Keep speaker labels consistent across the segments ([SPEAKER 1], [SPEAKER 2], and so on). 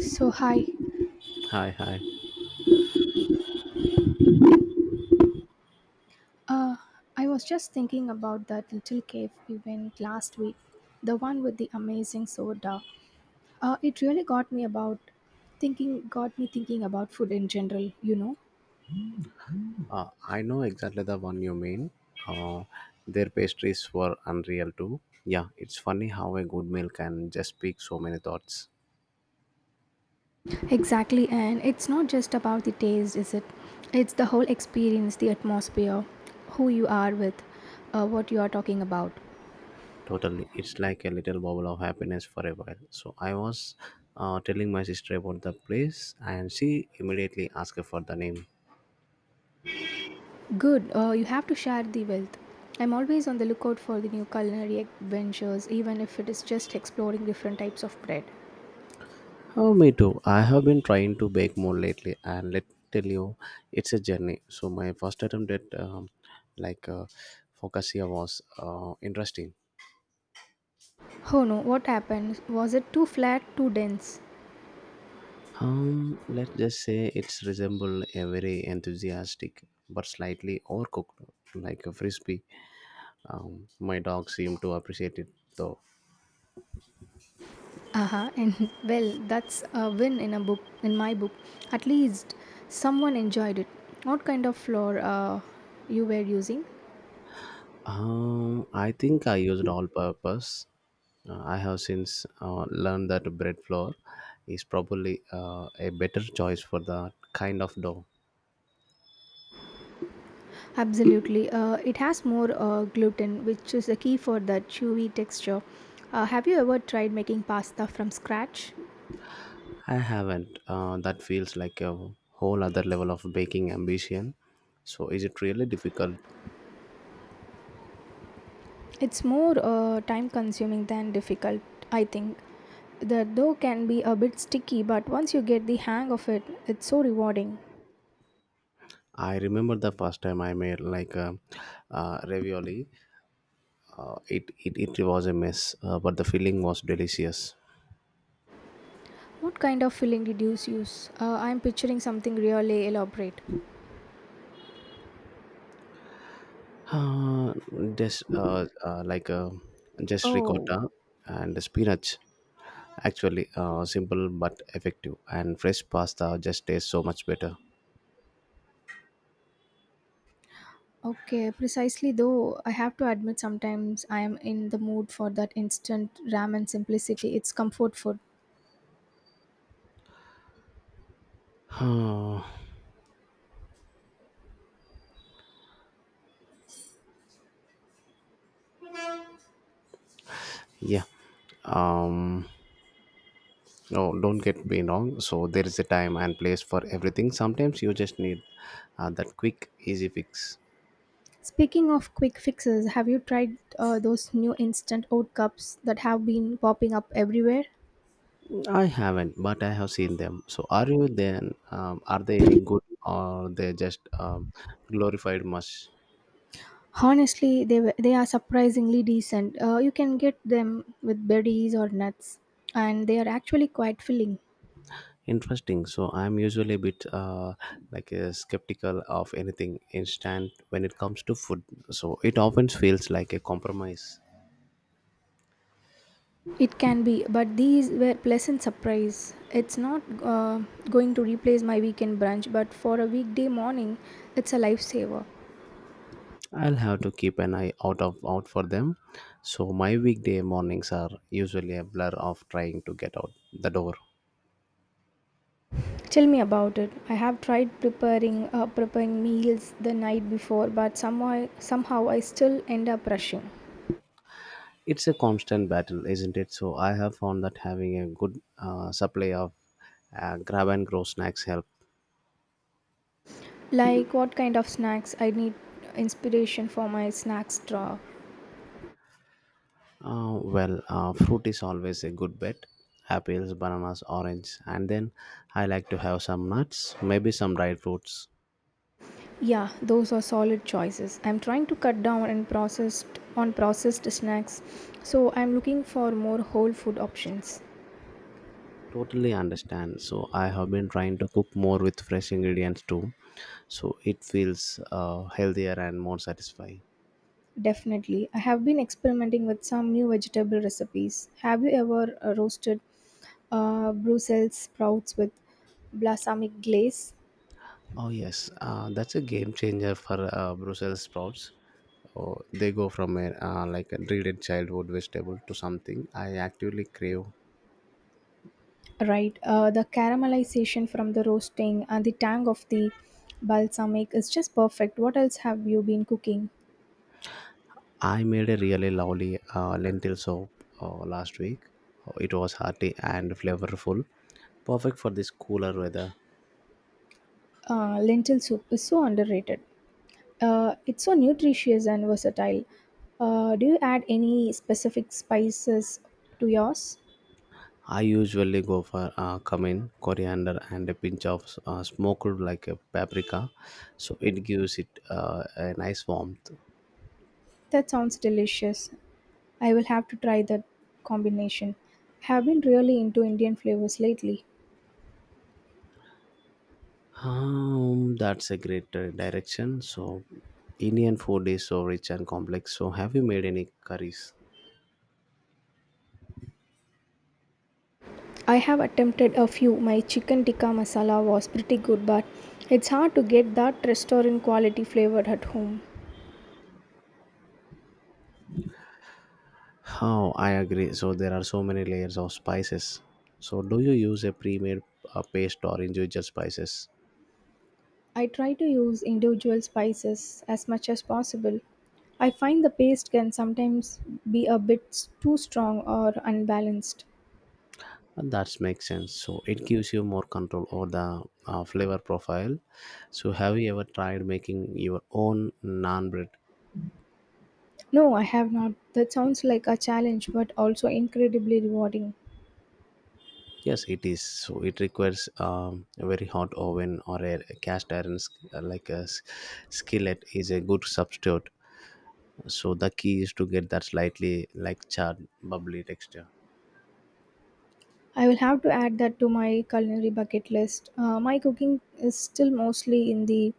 [SPEAKER 1] So, hi.
[SPEAKER 2] Hi, hi.
[SPEAKER 1] Uh, I was just thinking about that little cave we went last week, the one with the amazing soda. It really got me about got me thinking about food in general,
[SPEAKER 2] I know exactly the one you mean. Uh, their pastries were unreal too. Yeah, it's funny how a good meal can just speak so many thoughts.
[SPEAKER 1] Exactly, and it's not just about the taste, is it? It's the whole experience, the atmosphere, who you are with, what you are talking about.
[SPEAKER 2] Totally. It's like a little bubble of happiness for a while. So I was telling my sister about the place and she immediately asked for the name.
[SPEAKER 1] Good, you have to share the wealth. I'm always on the lookout for the new culinary adventures, even if it is just exploring different types of bread.
[SPEAKER 2] Oh, me too. I have been trying to bake more lately and let tell you, it's a journey. So my first attempt at like uh, focaccia was interesting.
[SPEAKER 1] Oh no, what happened? Was it too flat, too dense?
[SPEAKER 2] Let's just say it's resemble a very enthusiastic but slightly overcooked, like a frisbee. My dog seemed to appreciate it though.
[SPEAKER 1] Aha, and well, that's a win in my book. At least someone enjoyed it. What kind of flour you were using?
[SPEAKER 2] I think I used all purpose. I have since learned that bread flour is probably a better choice for that kind of dough.
[SPEAKER 1] Absolutely, it has more gluten, which is the key for the chewy texture. Have you ever tried making pasta from scratch?
[SPEAKER 2] I haven't. That feels like a whole other level of baking ambition. So, is it really difficult?
[SPEAKER 1] It's more time consuming than difficult, I think. The dough can be a bit sticky, but once you get the hang of it, it's so rewarding.
[SPEAKER 2] I remember the first time I made ravioli. It was a mess, but the filling was delicious.
[SPEAKER 1] What kind of filling did you use? I'm picturing something really elaborate.
[SPEAKER 2] Uh, just uh, uh, like uh, just
[SPEAKER 1] Oh,
[SPEAKER 2] ricotta and spinach. Actually, simple but effective, and fresh pasta just tastes so much better.
[SPEAKER 1] okay. Precisely though, I have to admit sometimes I am in the mood for that instant ramen simplicity. It's comfort food.
[SPEAKER 2] Uh, yeah. Um. No, don't get me wrong. So there is a time and place for everything. Sometimes you just need that quick, easy fix.
[SPEAKER 1] Speaking of quick fixes, have you tried those new instant oat cups that have been popping up everywhere?
[SPEAKER 2] I haven't, but I have seen them. So are you then? Are they any good or they just glorified mush?
[SPEAKER 1] Honestly, they are surprisingly decent. You can get them with berries or nuts, and they are actually quite filling.
[SPEAKER 2] Interesting. So I'm usually a bit skeptical of anything instant when it comes to food. So it often feels like a compromise.
[SPEAKER 1] It can be, but these were pleasant surprise. It's not going to replace my weekend brunch, but for a weekday morning, it's a lifesaver.
[SPEAKER 2] I'll have to keep an eye out of out for them. So my weekday mornings are usually a blur of trying to get out the door.
[SPEAKER 1] Tell me about it. I have tried preparing meals the night before, but somehow I still end up rushing.
[SPEAKER 2] It's a constant battle, isn't it? So I have found that having a good supply of grab and grow snacks help.
[SPEAKER 1] Like what kind of snacks? I need inspiration for my snacks drawer.
[SPEAKER 2] Fruit is always a good bet. Apples, bananas, orange, and then I like to have some nuts, maybe some dried fruits.
[SPEAKER 1] Yeah, those are solid choices. I'm trying to cut down and processed on processed snacks, so I'm looking for more whole food options.
[SPEAKER 2] Totally understand. So I have been trying to cook more with fresh ingredients too, so it feels healthier and more satisfying.
[SPEAKER 1] Definitely. I have been experimenting with some new vegetable recipes. Have you ever roasted Brussels sprouts with balsamic glaze?
[SPEAKER 2] Oh yes, that's a game changer for Brussels sprouts. Oh, they go from a a dreaded childhood vegetable to something I actively crave.
[SPEAKER 1] Right. The caramelization from the roasting and the tang of the balsamic is just perfect. What else have you been cooking?
[SPEAKER 2] I made a really lovely lentil soup last week. Oh, it was hearty and flavorful, perfect for this cooler weather.
[SPEAKER 1] Lentil soup is so underrated. It's so nutritious and versatile. Do you add any specific spices to yours?
[SPEAKER 2] I usually go for cumin, coriander, and a pinch of smoked like a paprika, so it gives it a nice warmth.
[SPEAKER 1] That sounds delicious. I will have to try that combination. I have been really into Indian flavors lately.
[SPEAKER 2] That's a great direction. So, Indian food is so rich and complex. So, have you made any curries?
[SPEAKER 1] I have attempted a few. My chicken tikka masala was pretty good, but it's hard to get that restaurant quality flavor at home.
[SPEAKER 2] How I agree. So, there are so many layers of spices. So, do you use a pre-made paste or individual spices?
[SPEAKER 1] I try to use individual spices as much as possible. I find the paste can sometimes be a bit too strong or unbalanced.
[SPEAKER 2] And that makes sense. So, it gives you more control over the flavor profile. So, have you ever tried making your own naan bread?
[SPEAKER 1] No, I have not. That sounds like a challenge, but also incredibly rewarding.
[SPEAKER 2] Yes, it is. So it requires a very hot oven or a cast iron, skillet, is a good substitute. So the key is to get that slightly like charred, bubbly texture.
[SPEAKER 1] I will have to add that to my culinary bucket list. My cooking is still mostly in the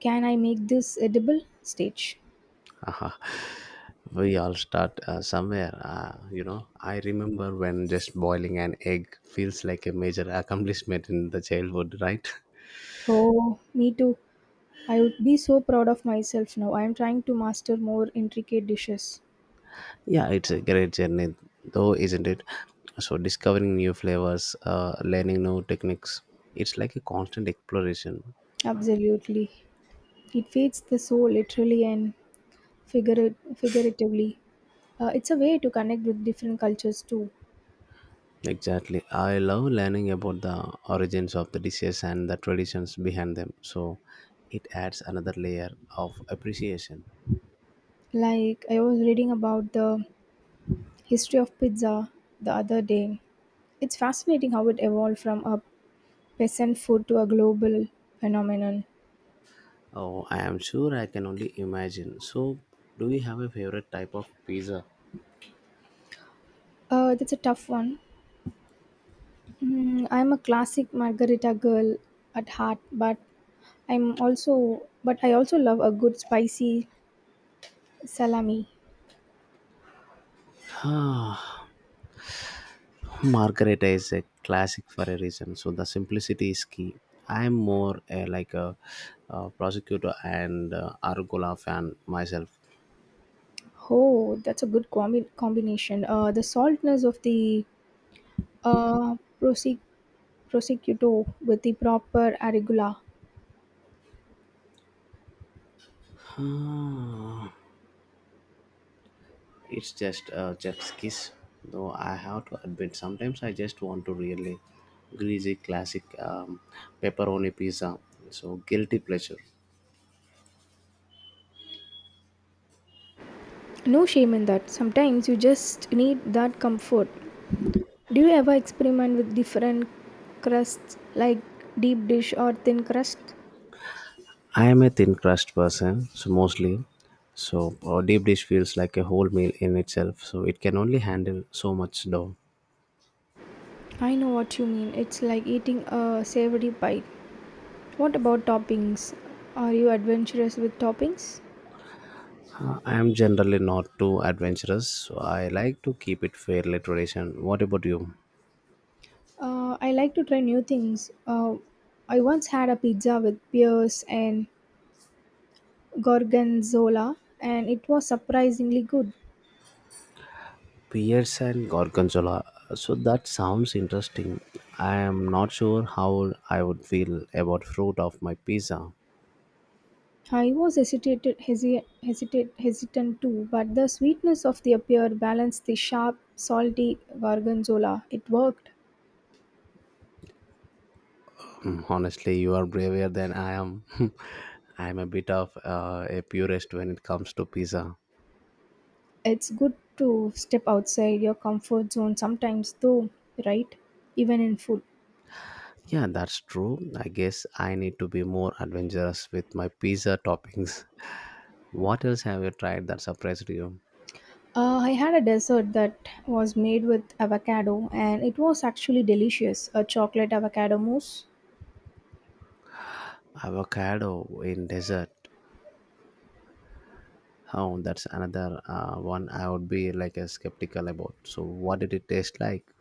[SPEAKER 1] can I make this edible stage.
[SPEAKER 2] Haha. We all start somewhere. You know, I remember when just boiling an egg feels like a major accomplishment in the childhood, right?
[SPEAKER 1] Oh, me too. I would be so proud of myself now. I am trying to master more intricate dishes.
[SPEAKER 2] Yeah, it's a great journey, though, isn't it? So, discovering new flavors, learning new techniques, it's like a constant exploration.
[SPEAKER 1] Absolutely. It feeds the soul literally and figuratively. It's a way to connect with different cultures too.
[SPEAKER 2] Exactly. I love learning about the origins of the dishes and the traditions behind them. So, it adds another layer of appreciation.
[SPEAKER 1] Like, I was reading about the history of pizza the other day. It's fascinating how it evolved from a peasant food to a global phenomenon?
[SPEAKER 2] Oh, I am sure I can only imagine. So, do you have a favorite type of pizza?
[SPEAKER 1] That's a tough one. Mm, I'm a classic margarita girl at heart, but I'm also but I also love a good spicy salami.
[SPEAKER 2] Margaret is a classic for a reason. So the simplicity is key. I'm more prosecutor and Arugula fan myself.
[SPEAKER 1] Oh, that's a good combination. The saltness of the uh, prosec- prosciutto with the proper arugula.
[SPEAKER 2] Ah, it's just a chef's kiss, though I have to admit sometimes I just want to really greasy classic pepperoni pizza. So guilty pleasure.
[SPEAKER 1] No shame in that. Sometimes you just need that comfort. Do you ever experiment with different crusts like deep dish or thin crust?
[SPEAKER 2] I am a thin crust person, so mostly. So a deep dish feels like a whole meal in itself. So it can only handle so much dough.
[SPEAKER 1] I know what you mean. It's like eating a savory pie. What about toppings? Are you adventurous with toppings?
[SPEAKER 2] I am generally not too adventurous, so I like to keep it fairly traditional. What about you?
[SPEAKER 1] I like to try new things. I once had a pizza with pears and gorgonzola, and it was surprisingly good.
[SPEAKER 2] Pierce and Gorgonzola. So that sounds interesting. I am not sure how I would feel about fruit of my pizza.
[SPEAKER 1] I was hesitant too, but the sweetness of the pear balanced the sharp, salty gorgonzola. It worked.
[SPEAKER 2] Mm, honestly, you are braver than I am. I am a bit of a purist when it comes to pizza.
[SPEAKER 1] It's good to step outside your comfort zone sometimes, though, right? Even in food.
[SPEAKER 2] Yeah, that's true. I guess I need to be more adventurous with my pizza toppings. What else have you tried that surprised you?
[SPEAKER 1] I had a dessert that was made with avocado, and it was actually delicious. A chocolate avocado mousse.
[SPEAKER 2] Avocado in desert? Oh, that's another one I would be like a skeptical about, so what did it taste like?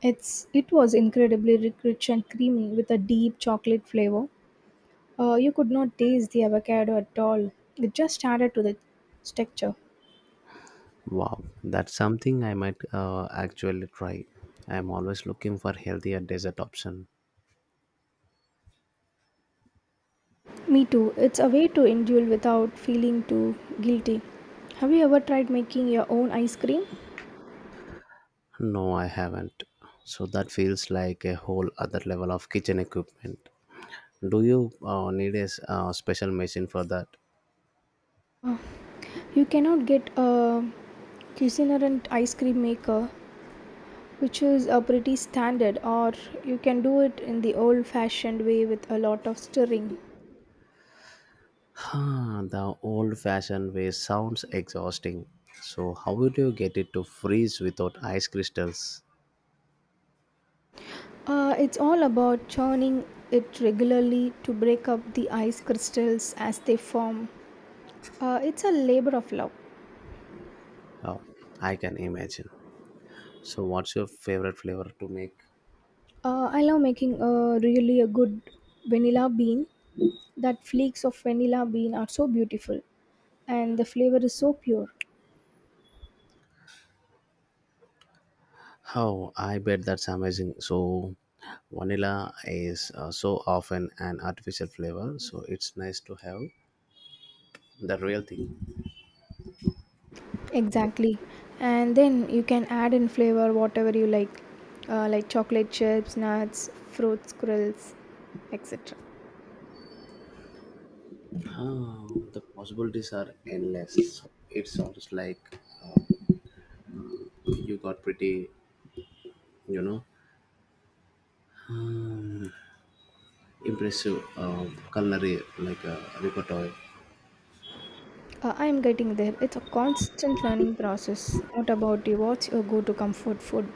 [SPEAKER 1] It was incredibly rich and creamy with a deep chocolate flavor. You could not taste the avocado at all. It just added to the texture.
[SPEAKER 2] Wow, that's something I might actually try. I'm always looking for healthier dessert option.
[SPEAKER 1] Me too. It's a way to indulge without feeling too guilty. Have you ever tried making your own ice cream?
[SPEAKER 2] No, I haven't. So that feels like a whole other level of kitchen equipment. Do you need special machine for that?
[SPEAKER 1] Uh, you cannot get a Cuisinart ice cream maker, which is a pretty standard, or you can do it in the old-fashioned way with a lot of stirring.
[SPEAKER 2] Huh, the old fashioned way sounds exhausting. So, how would you get it to freeze without ice crystals?
[SPEAKER 1] It's all about churning it regularly to break up the ice crystals as they form. It's a labor of love.
[SPEAKER 2] Oh, I can imagine. So, what's your favorite flavor to make?
[SPEAKER 1] I love making a really a good vanilla bean. That flakes of vanilla bean are so beautiful, and the flavor is so pure.
[SPEAKER 2] Oh, I bet that's amazing. So, vanilla is so often an artificial flavor, so it's nice to have the real thing.
[SPEAKER 1] Exactly, and then you can add in flavor whatever you like chocolate chips, nuts, fruit squirrels, etc.
[SPEAKER 2] Oh, the possibilities are endless. So, it sounds like you got pretty, you know, impressive culinary repertoire.
[SPEAKER 1] I am getting there. It's a constant learning process. What about you? What's your go-to comfort food?